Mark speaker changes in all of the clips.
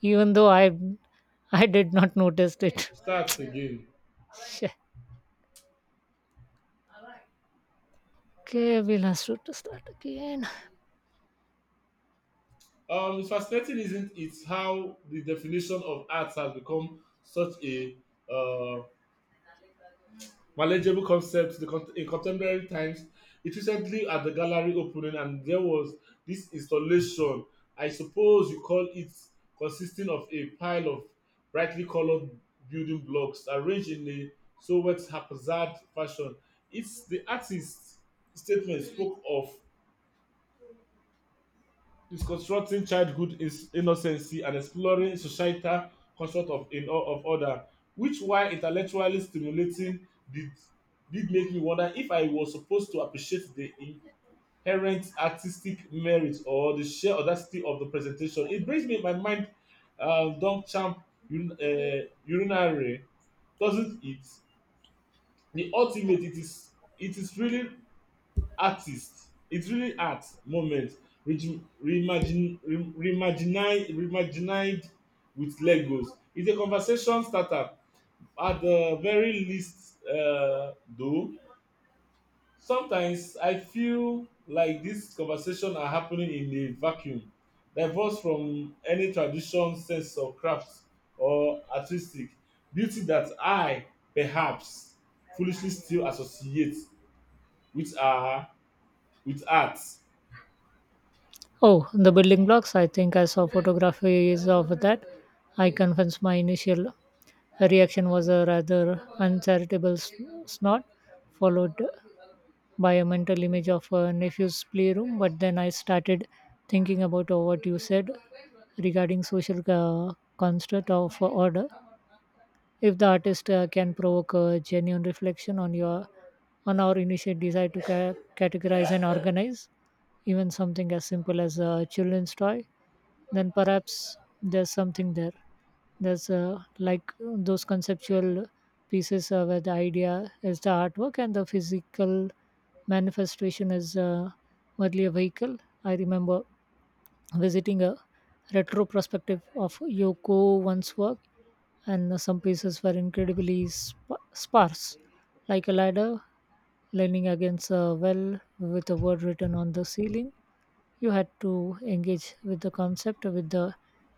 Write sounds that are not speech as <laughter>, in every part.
Speaker 1: Even though I did not notice it.
Speaker 2: Start again.
Speaker 1: <laughs> Shit. Okay, we'll have to start again.
Speaker 2: It's fascinating, isn't it, how the definition of arts has become such a uh, manageable concept in contemporary times. It recently at the gallery opening, and there was this installation. I suppose you call it consisting of a pile of brightly colored building blocks arranged in a somewhat haphazard fashion. It's the artist's statement spoke of is constructing childhood is innocency and exploring societal construct of in all of order, which while intellectually stimulating did did make me wonder if I was supposed to appreciate the inherent artistic merit or the sheer audacity of the presentation. It brings me my mind don champ un urinary, doesn't it, the ultimate. It is really artist, it's really art moment, re- reimagine, reimagined with legos. It's a conversation starter at the very least, though sometimes I feel like these conversations are happening in a vacuum, divorced from any tradition sense of craft or artistic beauty that I perhaps foolishly still associate with our with art.
Speaker 1: Oh, the building blocks. I think I saw photographies of that. I confess my initial reaction was a rather uncharitable snort, followed by a mental image of a nephew's playroom. But then I started thinking about what you said regarding social construct of order if the artist can provoke a genuine reflection on your on our initial desire to categorize and organize even something as simple as a children's toy, then perhaps there's something there's like those conceptual pieces where the idea is the artwork and the physical manifestation is merely a vehicle. I remember visiting a retro prospective of Yoko One's work, and some pieces were incredibly sparse, like a ladder leaning against a well with a word written on the ceiling. You had to engage with the concept, with the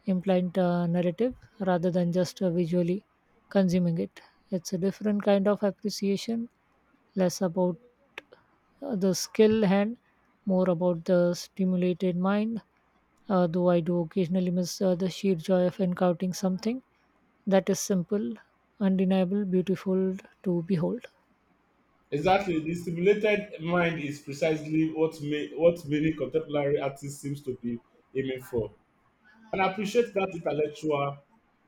Speaker 1: implied narrative, rather than just visually consuming it. It's a different kind of appreciation, less about the skill hand, more about the stimulated mind. Though I do occasionally miss the sheer joy of encountering something that is simple, undeniable, beautiful to behold.
Speaker 2: Exactly, the stimulated mind is precisely what many contemporary artists seems to be aiming for. And I appreciate that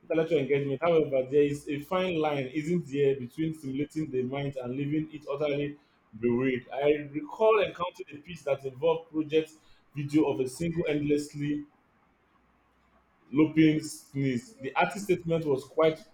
Speaker 2: intellectual engagement. However, there is a fine line, isn't there, between stimulating the mind and leaving it utterly buried. I recall encountering a piece that involved project video of a single endlessly looping sneeze. The artist statement was quite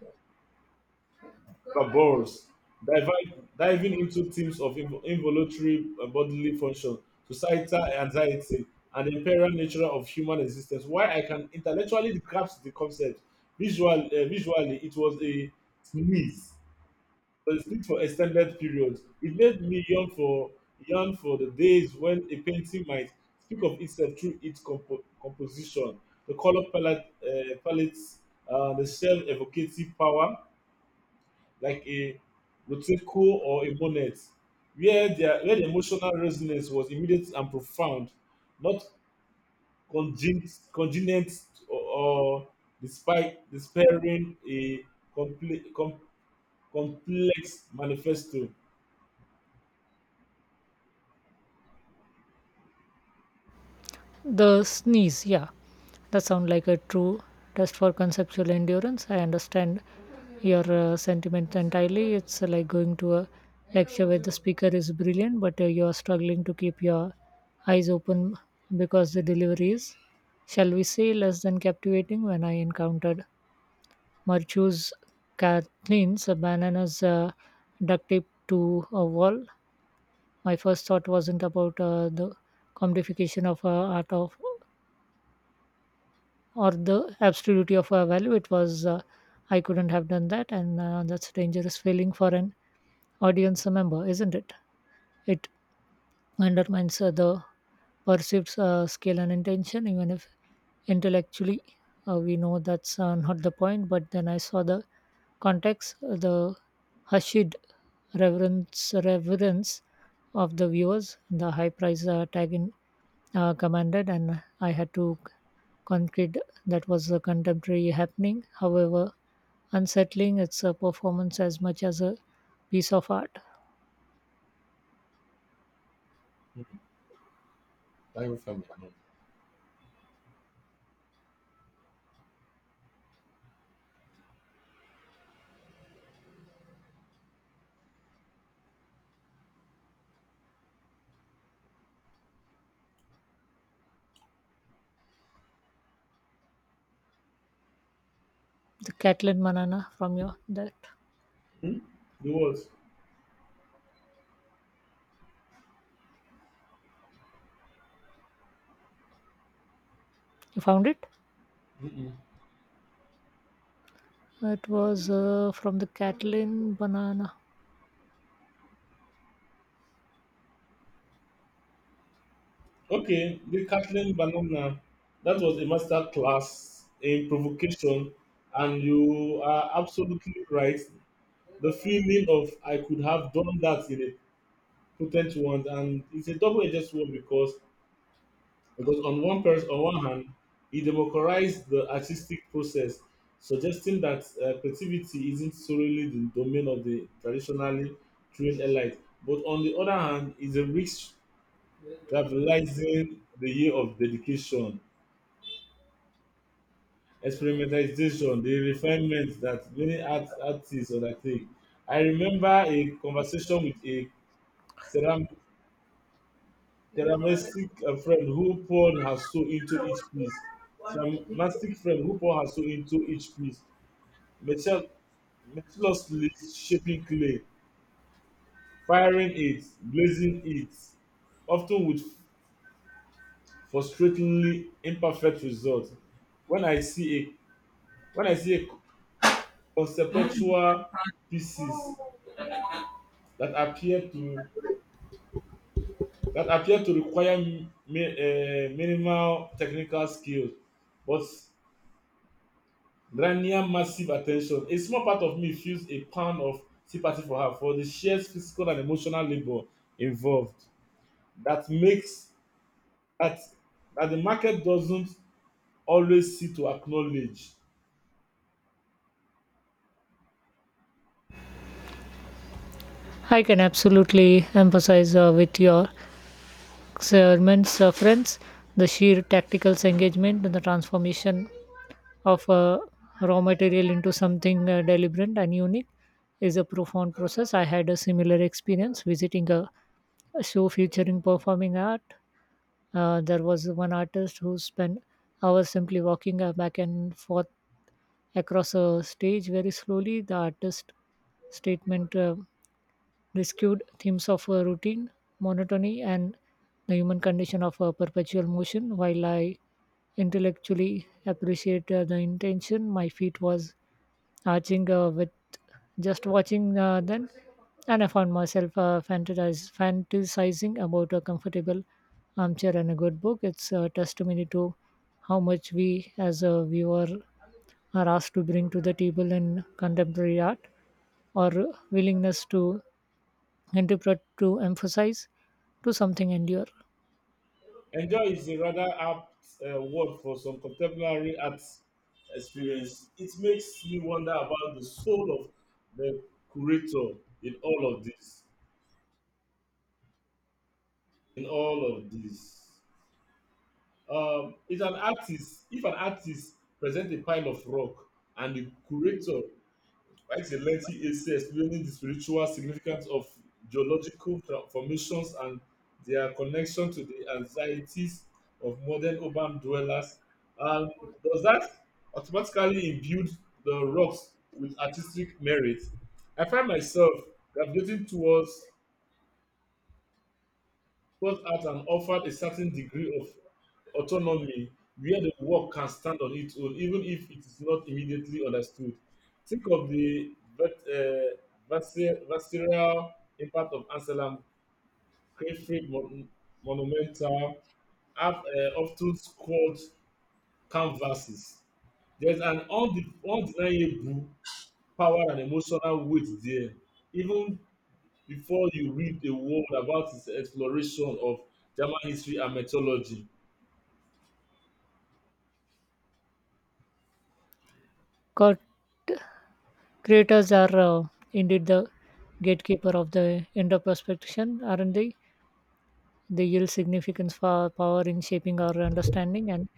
Speaker 2: Barbaros, diving into themes of involuntary bodily function, societal anxiety, and the imperial nature of human existence. While I can intellectually grasp the concept, visually it was sneeze, a sneeze for extended periods. It made me yearn for the days when a painting might speak of itself through its composition, the palettes, the shell evocative power, like a Roteco or a Monet, where the emotional resonance was immediate and profound, not congenient or despite despairing a comple- com- complex manifesto.
Speaker 1: The sneeze, yeah, that sounds like a true test for conceptual endurance. I understand your sentiment entirely. It's like going to a lecture where the speaker is brilliant, but you are struggling to keep your eyes open because the delivery is, shall we say, less than captivating. When I encountered Marchu's Kathleen's bananas duct tape to a wall, my first thought wasn't about the commodification of art of or the absolutity of value. It was I couldn't have done that, and that's a dangerous feeling for an audience member, isn't it? It undermines the perceived skill and intention, even if intellectually we know that's not the point. But then I saw the context, the hushed reverence of the viewers, the high price tag in commanded, and I had to concede that was a contemporary happening. However, unsettling, it's a performance as much as a piece of art. The Kathleen Banana from your that
Speaker 2: Hmm? The word.
Speaker 1: you found it.
Speaker 2: Mm-mm.
Speaker 1: It was from the Kathleen Banana.
Speaker 2: Okay, the Kathleen Banana. That was a master class in provocation, and you are absolutely right. The feeling of I could have done that in a potent ones, and it's a double-edged sword because on one hand, it democratized the artistic process, suggesting that creativity isn't solely the domain of the traditionally trained elite. But on the other hand, it's a risk trivializing the year of dedication, experimentalization, the refinement that many artists undertake. I remember a conversation with a ceramic Dramatic friend who poured her soul into each piece. Dramatic friend who poured her soul into each piece. Metal- Meticulously shaping clay, firing it, blazing it, often with frustratingly imperfect results. When I see a when I see a conceptual pieces that appear to that appear to require minimal technical skills, but Rania massive attention. A small part of me feels a pound of sympathy for her for the sheer physical and emotional labor involved. That makes that that the market doesn't always see to acknowledge.
Speaker 1: I can absolutely empathize with your sermons, friends. The sheer tactical engagement and the transformation of a raw material into something deliberate and unique is a profound process. I had a similar experience visiting a show featuring performing art. There was one artist who spent hours simply walking back and forth across a stage very slowly. The artist statement. Rescued themes of routine, monotony, and the human condition of perpetual motion. While I intellectually appreciate the intention, my feet was arching with just watching then, and I found myself fantasizing about a comfortable armchair and a good book. It's a testimony to how much we, as a viewer, are asked to bring to the table in contemporary art, our willingness to interpret to emphasize to something endure.
Speaker 2: Enjoy is a rather apt word for some contemporary art experience. It makes me wonder about the soul of the curator in all of this. In all of this. If an artist presents a pile of rock and the curator writes a lengthy essay explaining the spiritual significance of formations and their connection to the anxieties of modern urban dwellers, um, does that automatically imbue the rocks with artistic merit? I find myself gravitating towards Goes out and offered a certain degree of autonomy where the work can stand on its own, even if it is not immediately understood. Think of the visceral impact of Anselm Crayfree Monumental have often squared canvases. There's an undeniable power and emotional weight there, even before you read a word about his exploration of German history and mythology.
Speaker 1: Cor- Creators are indeed the gatekeeper of the interpretation, aren't they? They yield significance for power in shaping our understanding and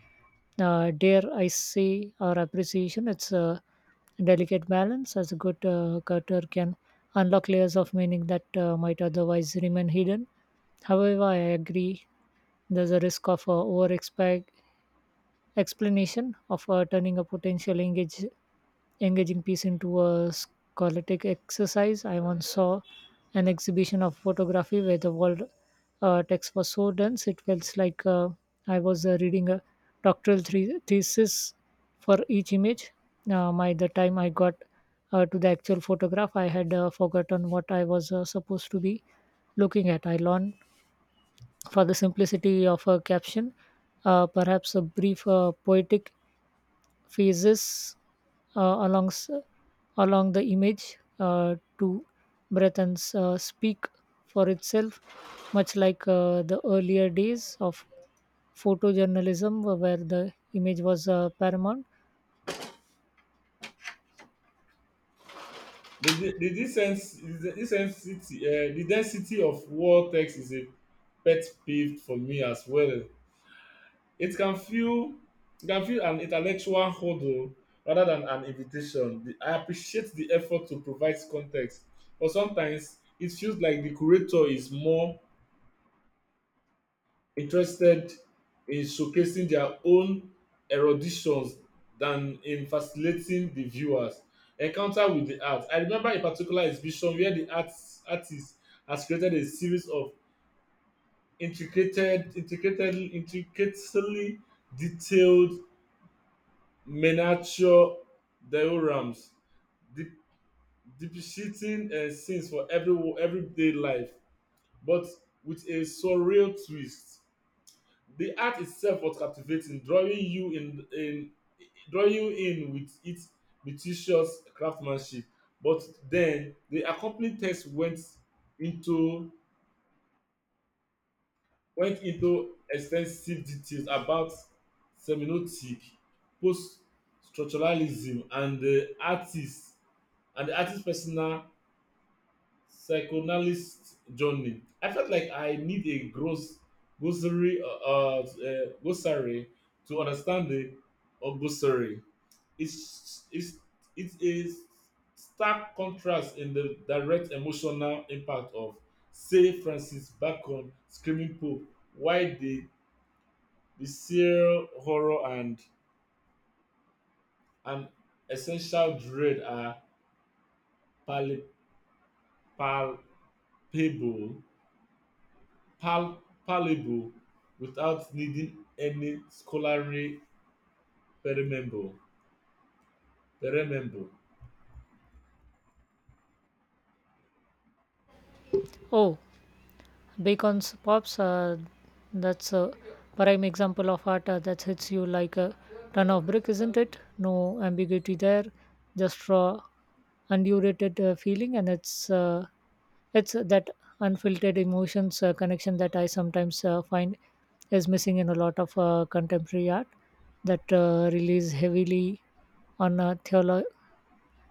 Speaker 1: dare I say our appreciation. It's a delicate balance as a good cutter can unlock layers of meaning that might otherwise remain hidden. However, I agree there's a risk of over explanation of turning a potential engaging piece into a scholastic exercise. I once saw an exhibition of photography where the world text was so dense it felt like I was reading a doctoral thesis for each image. By the time I got to the actual photograph, I had forgotten what I was supposed to be looking at. I learned for the simplicity of a caption, perhaps a brief poetic phases uh, alongs, along the image to breath and speak for itself, much like the earlier days of photojournalism where the image was paramount.
Speaker 2: The density of war text is a pet peeve for me as well. It can feel it can feel an intellectual hurdle rather than an invitation. I appreciate the effort to provide context, but sometimes it feels like the curator is more interested in showcasing their own eruditions than in facilitating the viewers encounter with the art. I remember a particular exhibition where the artist has created a series of intricated intricatedly intricately detailed miniature diorams, de- depicting scenes for everyday life but with a surreal twist. The art itself was captivating, drawing you in with its meticulous craftsmanship. But then the accompanying text into went into extensive details about semiotic, post structuralism and the artist's personal psychoanalyst journey. I felt like I need a gross glossary to understand the glossary. It's it's it's a stark contrast in the direct emotional impact of, say, Francis Bacon screaming Pope, why the visceral horror and an essential dread are pal- palpable, pal- palatable without needing any scholarly perememble. perememble.
Speaker 1: Oh, beacons pops that's a prime example of art that hits you like a ton of brick, isn't it? No ambiguity there, just raw undurated feeling, and it's that unfiltered emotions connection that I sometimes find is missing in a lot of contemporary art that relies heavily on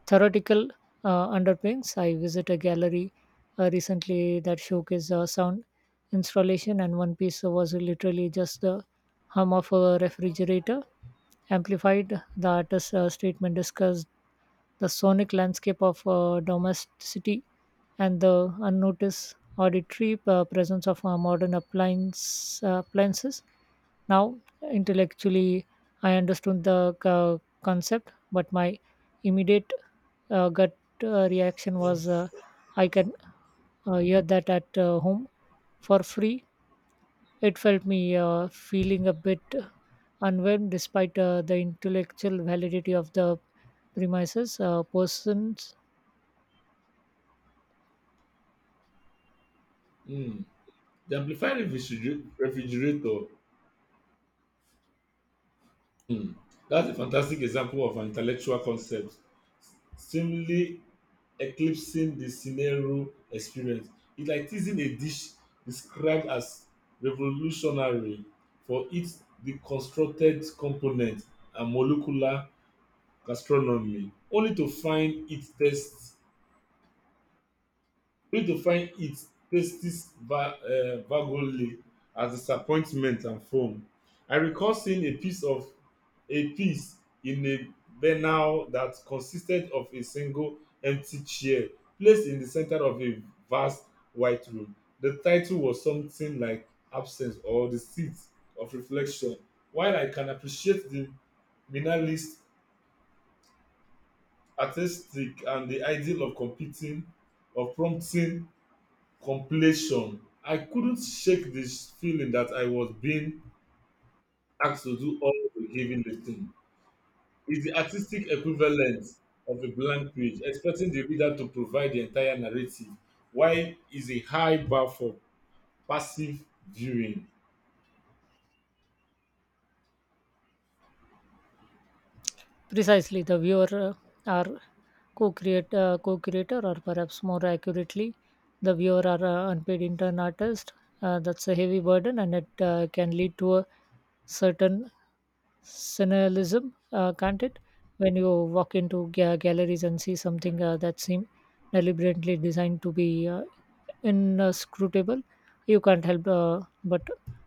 Speaker 1: theoretical underpinnings. I visit a gallery recently that showcased a sound installation, and one piece was literally just the hum of a refrigerator amplified. The artist's statement discussed the sonic landscape of domesticity and the unnoticed auditory presence of modern appliances. Now, intellectually, I understood the concept, but my immediate gut reaction was I can hear that at home for free. It felt me feeling a bit unwhelmed despite the intellectual validity of the premises. Persons
Speaker 2: Mm. The amplified refrigerator. Mm. That's a fantastic example of an intellectual concept, seemingly eclipsing the scenario experience. It's like teasing a dish described as revolutionary for its deconstructed component and molecular gastronomy only to find it tastes vaguely as disappointment and foam. I recall seeing a piece in a banal that consisted of a single empty chair placed in the center of a vast white room. The title was something like Absence or The Seat of Reflection. While I can appreciate the minimalist artistic and the ideal of competing of prompting completion, I couldn't shake the feeling that I was being asked to do all the heavy lifting. It's the artistic equivalent of a blank page, expecting the reader to provide the entire narrative, while is a high bar for passive viewing.
Speaker 1: Precisely, the viewer are co-creator, or perhaps more accurately, the viewer are unpaid intern artist. That's a heavy burden, and it can lead to a certain cynicism, can't it? When you walk into galleries and see something that seem deliberately designed to be inscrutable, you can't help but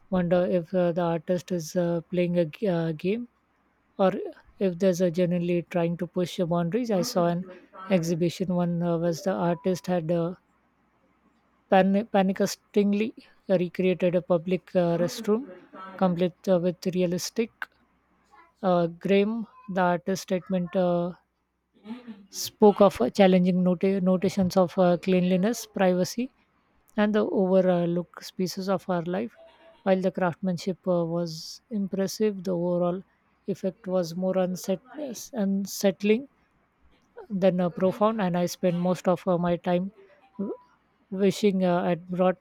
Speaker 1: wonder if the artist is playing a game or if there's a generally trying to push your boundaries. I saw an exhibition one was the artist had panicstingly recreated a public restroom complete with realistic Graham, the artist statement spoke of challenging notations of cleanliness, privacy, and the overlooked species of our life. While the craftsmanship was impressive, the overall effect was more unsettling then profound, and I spend most of my time w- wishing I'd brought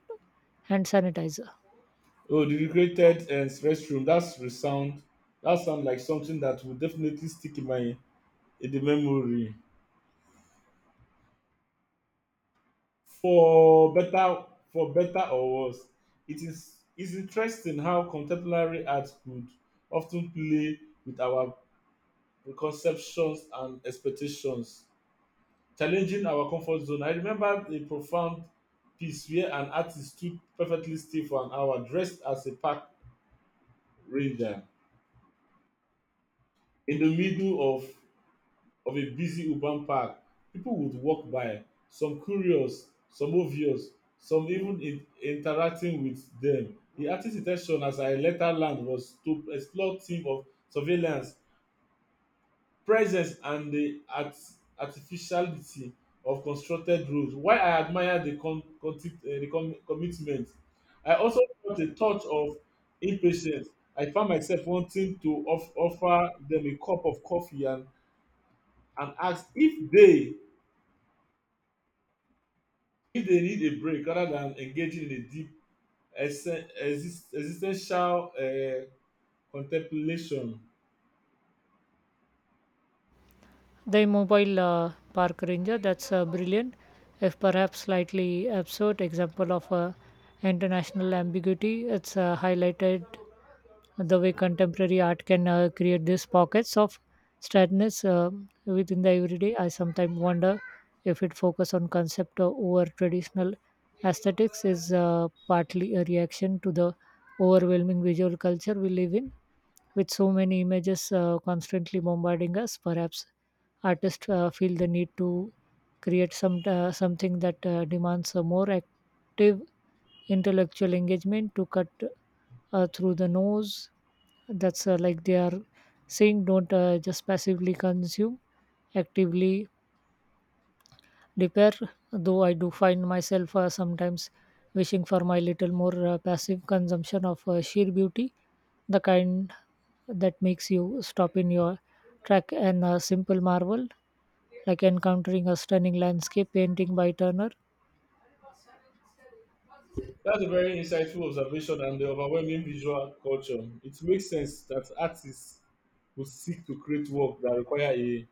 Speaker 1: hand sanitizer.
Speaker 2: Oh, the recreated restroom, that's resound. That sound like something that will definitely stick in my in the memory. For better for better or worse, it is interesting how contemporary art could of ten play with our preconceptions and expectations, challenging our comfort zone. I remember a profound piece where an artist stood perfectly still for an hour dressed as a park ranger in the middle of a busy urban park. People would walk by, some curious, some obvious, some even interacting with them. The artist's intention as I later learned was to explore theme of surveillance, presence, and the artificiality of constructed rules. While I admire the, con, conti- eh, the com, commitment, I also felt a touch of impatience. I found myself wanting to offer them a cup of coffee and ask if they need a break rather than engaging in a deep existential contemplation.
Speaker 1: The mobile park ranger, that's a brilliant if perhaps slightly absurd example of international ambiguity. It's highlighted the way contemporary art can create these pockets of sadness within the everyday. I sometimes wonder if it focus on concept over traditional aesthetics is partly a reaction to the overwhelming visual culture we live in, with so many images constantly bombarding us. Perhaps artists feel the need to create some something that demands a more active intellectual engagement to cut through the nose. That's like they are saying, don't just passively consume, actively repair. Though I do find myself sometimes wishing for my little more passive consumption of sheer beauty, the kind that makes you stop in your track and a simple marvel, like encountering a stunning landscape painting by Turner.
Speaker 2: That's a very insightful observation and the overwhelming visual culture. It makes sense that artists would seek to create work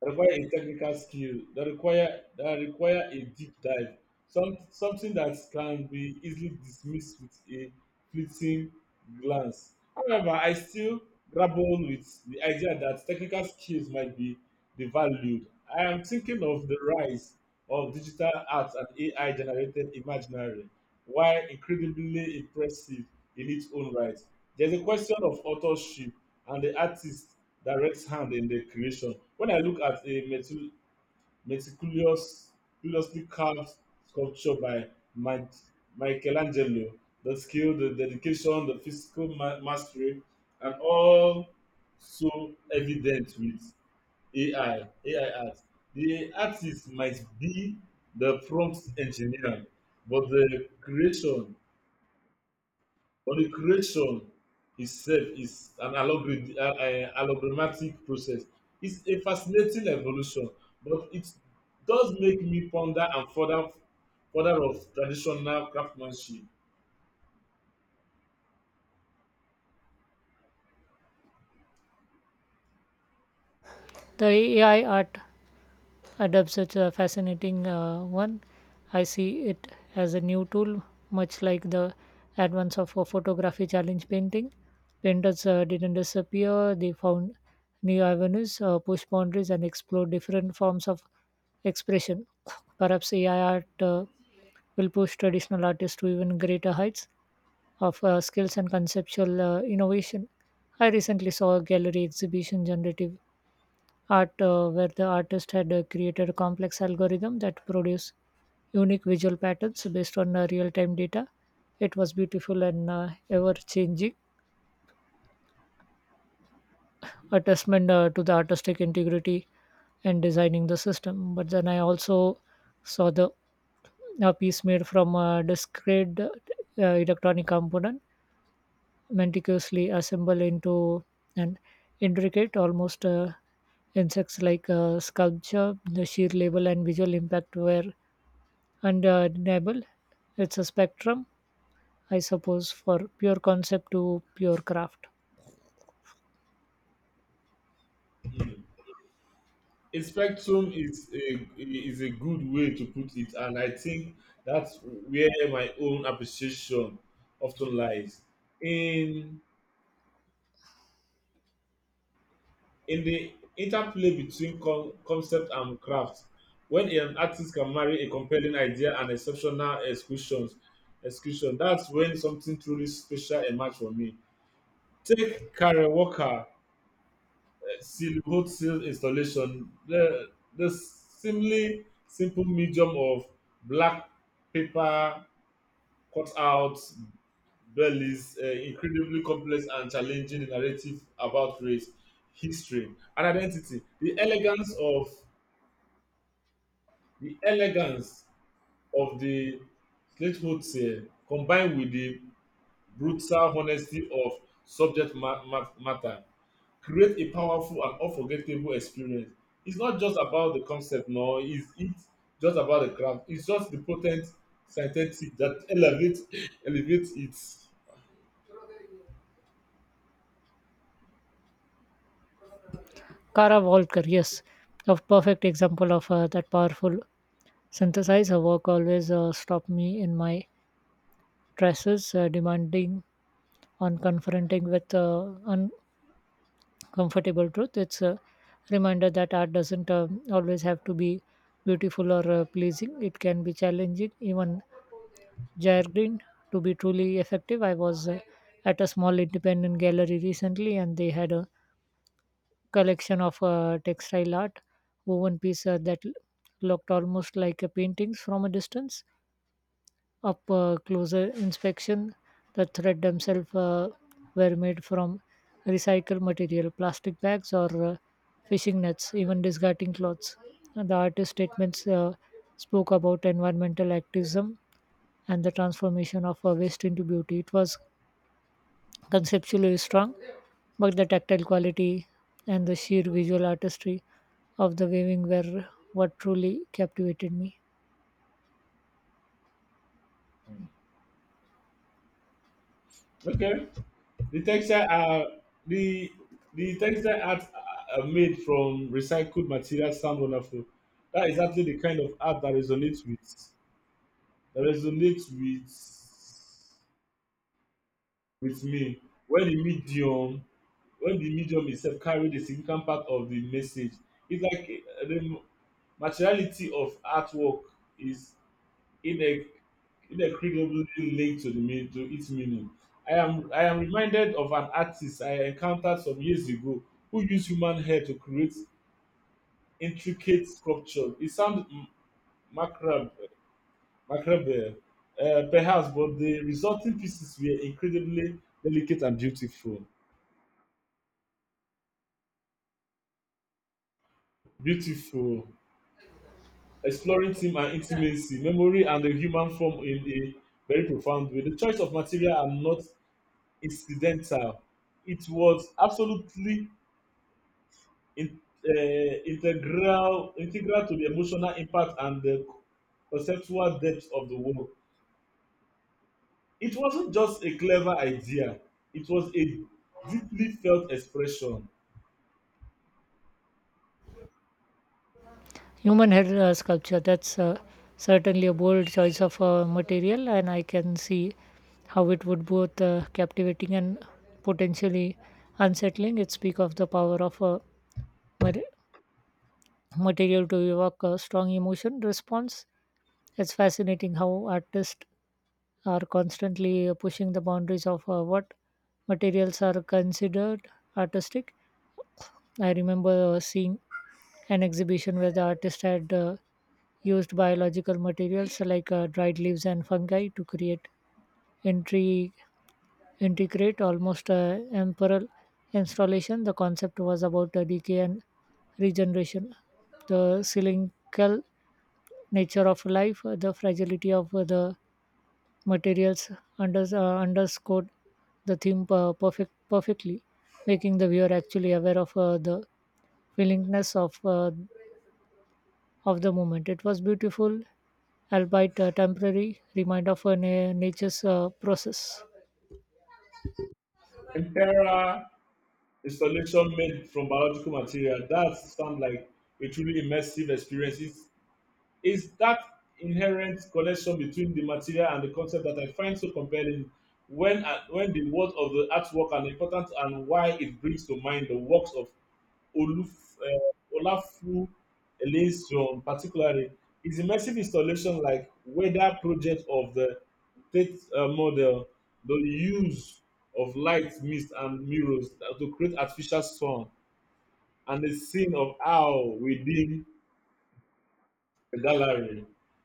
Speaker 2: that require a technical skill that require a deep dive, some something that can be easily dismissed with a fleeting glance. However, I still grapple with the idea that technical skills might be devalued. I am thinking of the rise of digital art and AI generated imaginary, while incredibly impressive in its own right. There's a question of authorship and the artist's direct hand in the creation. When I look at a meticulous, meticulously carved sculpture by Mike, Michelangelo, the skill, the dedication, the physical mastery, and all so evident with AI art. The artist might be the prompt engineer, but the creation itself is an allogrammatic process. It's a fascinating evolution, but it does make me ponder and further of traditional craftsmanship.
Speaker 1: The AI art adapts such a fascinating one. I see it as a new tool, much like the advance of a photography challenge painting. Painters didn't disappear, they found new avenues, push boundaries, and explore different forms of expression. Perhaps AI art will push traditional artists to even greater heights of skills and conceptual innovation. I recently saw a gallery exhibition generative art where the artist had created a complex algorithm that produced unique visual patterns based on real-time data. It was beautiful and ever-changing, a testament to the artistic integrity and designing the system. But then I also saw the a piece made from a discrete electronic component meticulously assemble into an intricate, almost insects like sculpture. The sheer label and visual impact were undeniable. It's a spectrum, I suppose, for pure concept to pure craft.
Speaker 2: Mm. A spectrum is a good way to put it, and I think that's where my own appreciation often lies. In in the interplay between concept and craft. When an artist can marry a compelling idea and exceptional executions execution, that's when something truly special emerge for me. Take Karen Walker, silhouette seal installation, the seemingly simple medium of black paper cutouts Belly's incredibly complex and challenging narrative about race, history, and identity. The elegance of the Slatehood tale, combined with the brutal honesty of subject matter, create a powerful and unforgettable experience. It's not just about the concept, no, it's just about the craft. It's just the potent synthetic that <laughs> elevates it.
Speaker 1: Kara Walker, yes, a perfect example of that powerful synthesize. Her work always stopped me in my traces, demanding on confronting with comfortable truth. It's a reminder that art doesn't always have to be beautiful or pleasing. It can be challenging. Even Jair to be truly effective, I was at a small independent gallery recently, and they had a collection of textile art, woven piece that looked almost like a paintings from a distance up closer inspection, the thread themselves were made from recycled material, plastic bags, or fishing nets, even discarding clothes. And the artist statements spoke about environmental activism and the transformation of waste into beauty. It was conceptually strong, but the tactile quality and the sheer visual artistry of the weaving were what truly captivated me.
Speaker 2: Okay. The textile are the the textile art are made from recycled materials sound wonderful. That is exactly the kind of art that resonates with me. When the medium itself carry the significant part of the message, it's like the materiality of artwork is inex- inextricably linked to the mean to its meaning. I am reminded of an artist I encountered some years ago who used human hair to create intricate sculpture. It sounds macabre, macabre perhaps, but the resulting pieces were incredibly delicate and beautiful. Beautiful, exploring theme and intimacy, memory, and the human form in a very profound way. The choice of material are not incidental. It was absolutely in, integral integral to the emotional impact and the conceptual depth of the work. It wasn't just a clever idea; it was a deeply felt expression.
Speaker 1: Human head sculpture, that's certainly a bold choice of material, and I can see how it would both captivating and potentially unsettling. It speaks of the power of a mat- material to evoke a strong emotion response. It's fascinating how artists are constantly pushing the boundaries of what materials are considered artistic. I remember seeing an exhibition where the artist had used biological materials like dried leaves and fungi to create intri- integrate almost emperor installation. The concept was about decay and regeneration, the cyclical nature of life, the fragility of the materials underscored the theme perfectly, making the viewer actually aware of the willingness of the moment. It was beautiful, albeit a temporary reminder of a nature's process.
Speaker 2: Imperial installation made from biological material that sound like a truly immersive experience. Is that inherent connection between the material and the concept that I find so compelling when the words of the artwork are important and why it brings to mind the works of Olafu Eliasson, particularly his immersive installation like weather project of the Tate model, the use of light, mist, and mirrors to create artificial sun, and the scene of how within the gallery.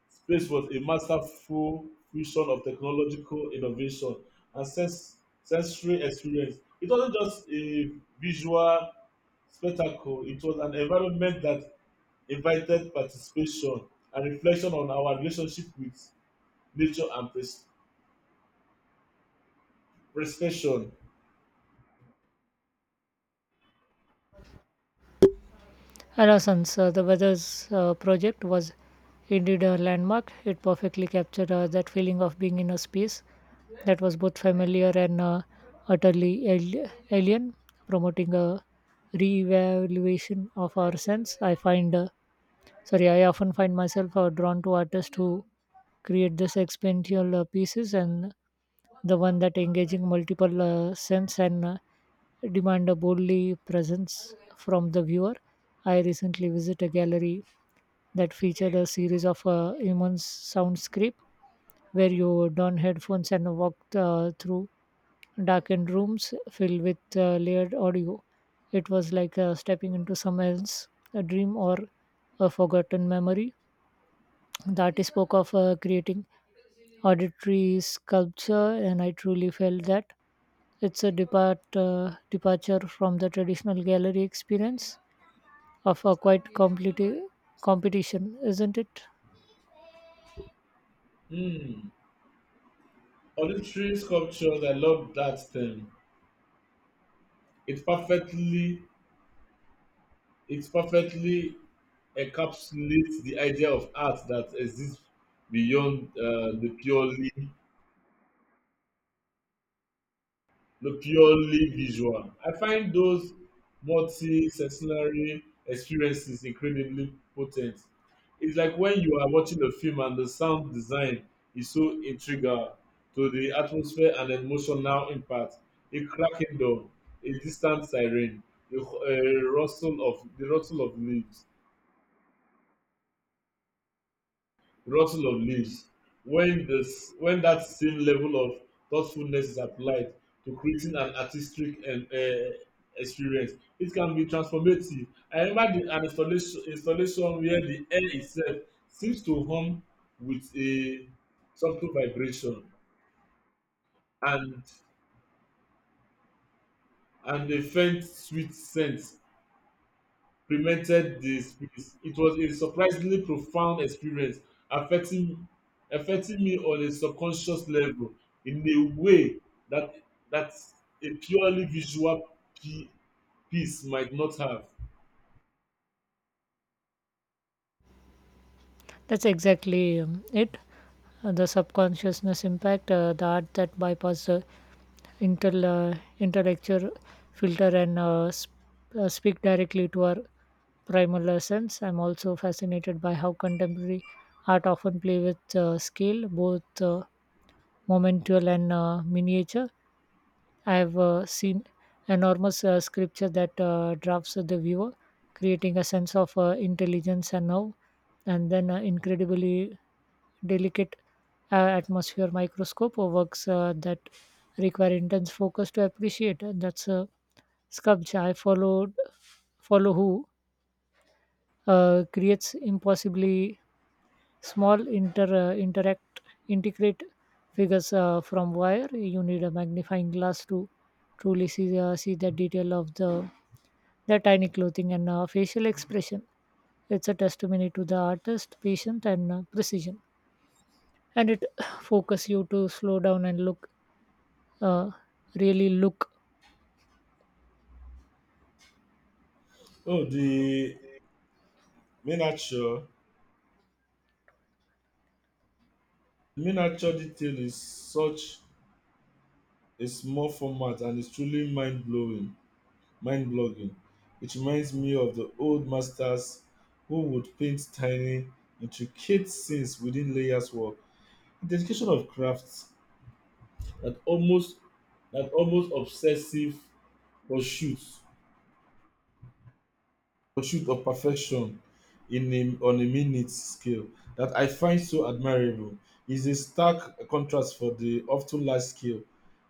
Speaker 2: Space was a masterful fusion of technological innovation and sensory experience. It wasn't just a visual spectacle, it was an environment that invited participation and reflection on our relationship with nature and preservation.
Speaker 1: Renaissance, the weather's project, was indeed a landmark. It perfectly captured that feeling of being in a space that was both familiar and utterly alien, promoting a re-evaluation of our sense. I often find myself drawn to artists who create this experiential pieces and the one that engaging multiple sense and demand a boldly presence from the viewer. I recently visited a gallery that featured a series of immense soundscape where you don headphones and walk through darkened rooms filled with layered audio. It was like stepping into someone's a dream or a forgotten memory. The artist spoke of creating auditory sculpture, and I truly felt that it's a departure from the traditional gallery experience of a quite competition, isn't it?
Speaker 2: Hmm. Auditory sculptures, I love that term. It perfectly It perfectly encapsulates the idea of art that exists beyond the purely visual. I find those multi-sensory experiences incredibly potent. It's like when you are watching a film and the sound design is so integral to the atmosphere and emotional impact. A cracking door, a distant siren, the rustle of leaves rotting of leaves when when that same level of thoughtfulness is applied to creating an artistic and experience, it can be transformative. I remember the an installation installation where the air itself seems to hum with a subtle vibration and and a faint sweet scent prevented the spirits. It was a surprisingly profound experience, affecting affecting me on a subconscious level in a way that that a purely visual pi- piece might not have.
Speaker 1: That's exactly it. The subconsciousness impact, the art that bypass the intel, intellectual filter and speak directly to our primal essence. I'm also fascinated by how contemporary art often play with scale, both momental and miniature. I have seen enormous sculpture that drafts the viewer, creating a sense of intelligence and now, and then incredibly delicate atmosphere microscope or works that require intense focus to appreciate. And that's a sculpture I follow who creates impossibly small inter interact integrate figures from wire. You need a magnifying glass to truly see see the detail of the tiny clothing and facial expression. It's a testimony to the artist, patience and precision and it <sighs> focus you to slow down and look uh, really look
Speaker 2: Oh, the miniature miniature detail is such a small format and it's truly mind blowing, mind blogging. It reminds me of the old masters who would paint tiny, intricate scenes within layers work. Dedication of crafts that almost that almost obsessive pursuit pursuit of perfection in on a minute scale that I find so admirable is a stark contrast for the often large scale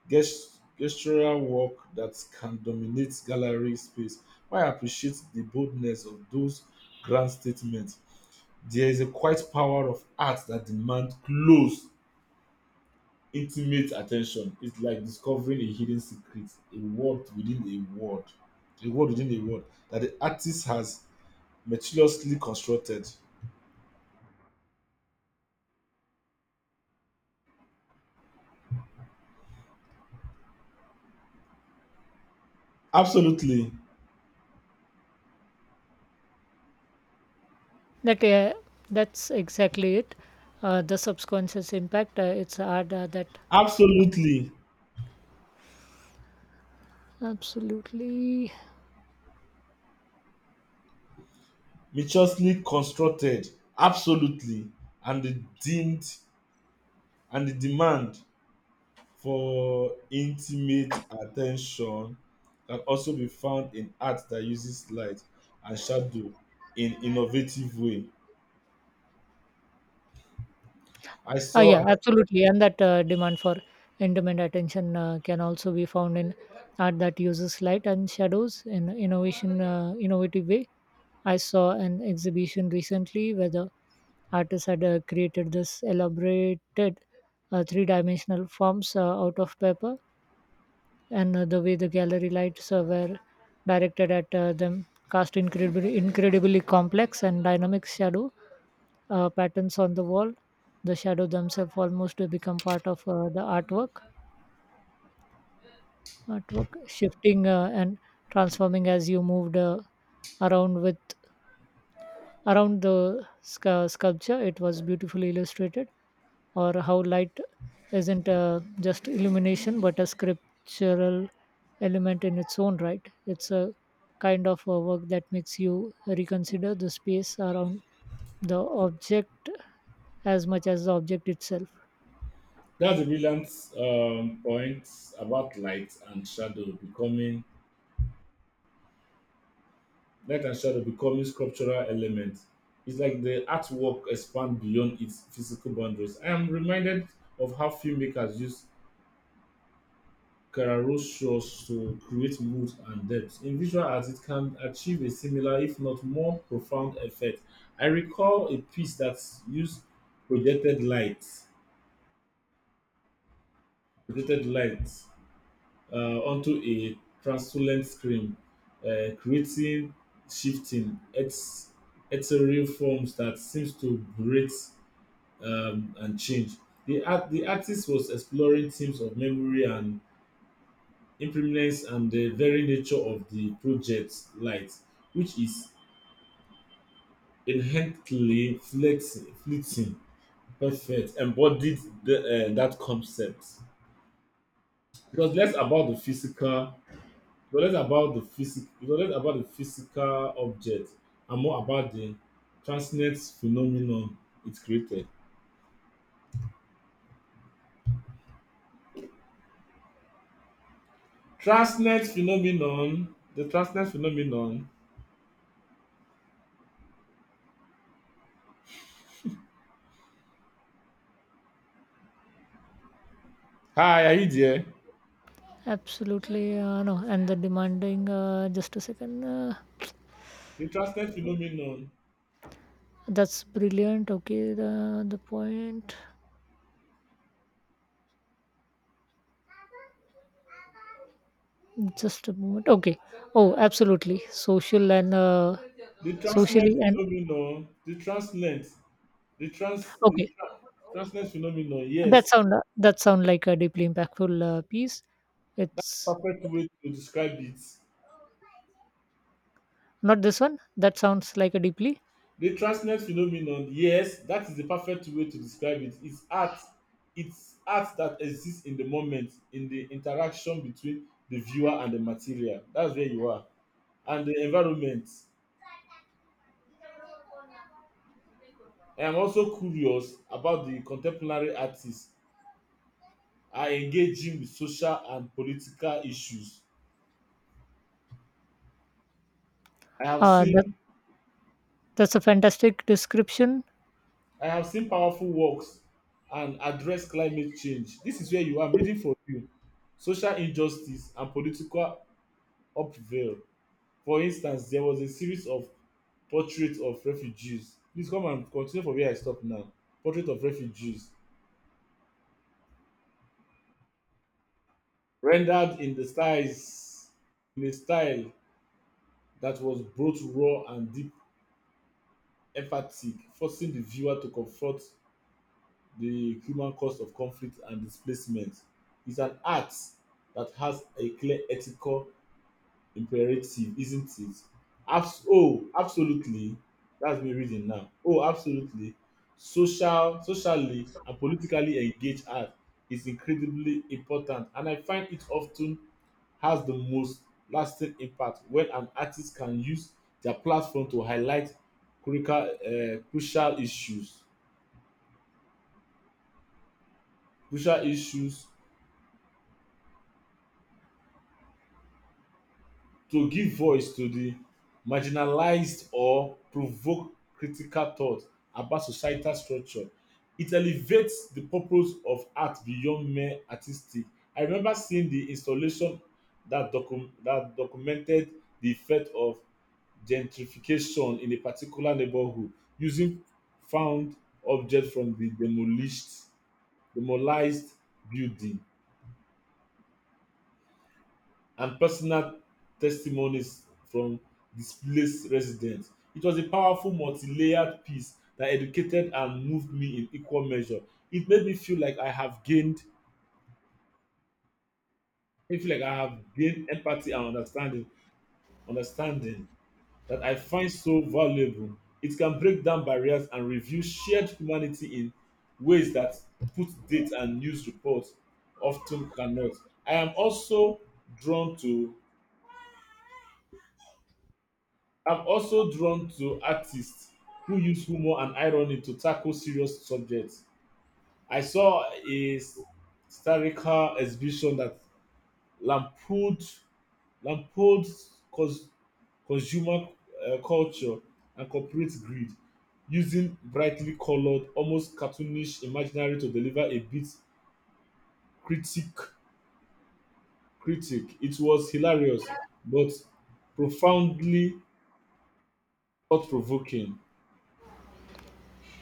Speaker 2: gestural work that can dominate gallery space. I appreciate the boldness of those grand statements. There is a quiet power of art that demands close intimate attention. Is like discovering a hidden secret, a world within a world within a world that the artist has meticulously constructed. Absolutely,
Speaker 1: that that's exactly it the subconscious impact it's hard that
Speaker 2: absolutely,
Speaker 1: absolutely.
Speaker 2: meticulously constructed, absolutely, and the deemed and the demand for intimate attention can also be found in art that uses light and shadow in innovative way. I
Speaker 1: Ah,
Speaker 2: saw.
Speaker 1: yeah, absolutely. And that demand for intimate attention can also be found in art that uses light and shadows in innovative way. I saw an exhibition recently where the artist had created this elaborated three-dimensional forms out of paper and the way the gallery lights were directed at them cast incredibly complex and dynamic shadow patterns on the wall, the shadow themselves almost become part of the artwork shifting and transforming as you moved around with around the sculpture. It was beautifully illustrated or how light isn't just illumination but a scriptural element in its own right. It's a kind of a work that makes you reconsider the space around the object as much as the object itself.
Speaker 2: That's a brilliant point about light and shadow becoming sculptural elements. It's like the artwork expands beyond its physical boundaries. I am reminded of how filmmakers use chiaroscuros to create mood and depth. In visual art, it can achieve a similar, if not more profound effect. I recall a piece that used projected light, projected light onto a translucent screen, creating shifting ethereal forms that seems to breathe and change. The artist was exploring themes of memory and impermanence and the very nature of the project's light, which is inherently fleeting. Perfect. Embodied that concept. Because less about the physical. It was less about the physical object and more about the transient phenomenon it created. Transient phenomenon, the transient phenomenon. Hi, are you there?
Speaker 1: Absolutely, no, and the demanding, just a second,
Speaker 2: The transient phenomenon,
Speaker 1: that's brilliant. Okay, the point. Just a moment. Okay. Oh, absolutely. Social and,
Speaker 2: the transient
Speaker 1: socially and
Speaker 2: phenomenon, the transient, the
Speaker 1: okay.
Speaker 2: transient phenomenon.
Speaker 1: That
Speaker 2: Yes,
Speaker 1: sound, that sound like a deeply impactful piece. It's
Speaker 2: perfect way to describe it.
Speaker 1: not this one. That sounds like a deeply.
Speaker 2: The transient phenomenon, yes, that is the perfect way to describe it. It's art. It's art that exists in the moment, in the interaction between the viewer and the material. That's where you are. And the environment. I am also curious about the contemporary artists are engaging with social and political issues. I have
Speaker 1: That
Speaker 2: seen.
Speaker 1: that's a fantastic description.
Speaker 2: I have seen powerful works and address climate change. This is where you are. I'm reading for you. Social injustice and political upheaval. For instance, there was a series of portraits of refugees. Please come and continue from where I stop now. Portrait of refugees rendered in the styles in a style that was both raw and deep emphatic, forcing the viewer to confront the human cost of conflict and displacement. It's an art that has a clear ethical imperative, isn't it? Oh, absolutely. That's me reading now. Oh, absolutely. Social, socially and politically engaged art is incredibly important, and I find it often has the most lasting impact when an artist can use their platform to highlight crucial issues. Crucial issues to give voice to the marginalized or provoke critical thought about societal structure. It elevates the purpose of art beyond mere artistic. I remember seeing the installation that documented the effect of gentrification in a particular neighborhood using found objects from the demolished building and personal testimonies from displaced residents. It was a powerful, multi layered piece that educated and moved me in equal measure. It made me feel like I have gained, I feel like I have gained empathy and understanding, understanding that I find so valuable. It can break down barriers and reveal shared humanity in ways that put dates and news reports often cannot. I am also drawn to I'm also drawn to artists who use humor and irony to tackle serious subjects. I saw a satirical exhibition that lampooned, lampooned cons- consumer culture and corporate greed, using brightly colored, almost cartoonish imaginary to deliver a bit critic critic. It was hilarious, but profoundly thought-provoking.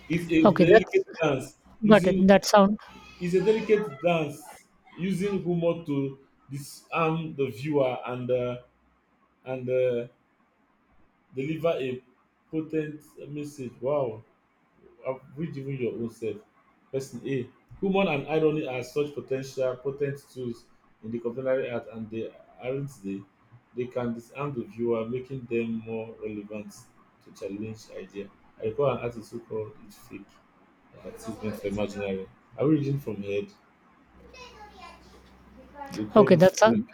Speaker 2: It's a
Speaker 1: Okay, that's
Speaker 2: delicate dance
Speaker 1: got it.
Speaker 2: using
Speaker 1: That sound.
Speaker 2: It's a delicate dance using humor to disarm the viewer and and uh, deliver a potent message. Wow, I've read even your own self. Person A. Humor and irony are such potential potent tools in the contemporary art, and they aren't they. They can disarm the viewer, making them more relevant to challenge idea. I recall an artist who called it fake advertisement for imaginary. Are we reading from head? They called
Speaker 1: Okay,
Speaker 2: it
Speaker 1: that's sound.
Speaker 2: fake.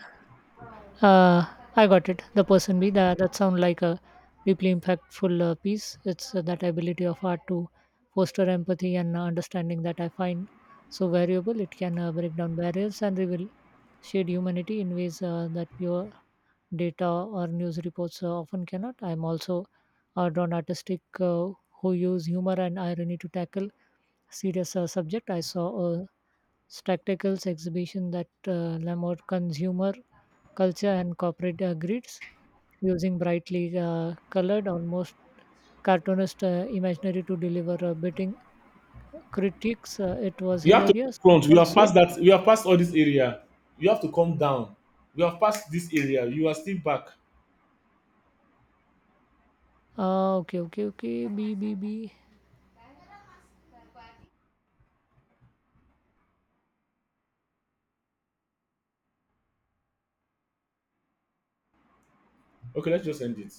Speaker 1: Uh, I got it. The person B. That that sounds like a deeply impactful piece. It's that ability of art to foster empathy and understanding that I find so variable. It can break down barriers and reveal shared humanity in ways that pure data or news reports often cannot. I'm also drawn artistic who use humor and irony to tackle serious subject. I saw a spectacles exhibition that Lamont consumer culture and corporate grids using brightly colored, almost cartoonist imaginary to deliver biting critiques. It was
Speaker 2: You have to
Speaker 1: hilarious, but
Speaker 2: front. We have
Speaker 1: also,
Speaker 2: passed that. We have passed all this area. You have to come down. We have passed this area. You are still back.
Speaker 1: okay, okay, okay, B, B, B.
Speaker 2: Okay, let's just end it.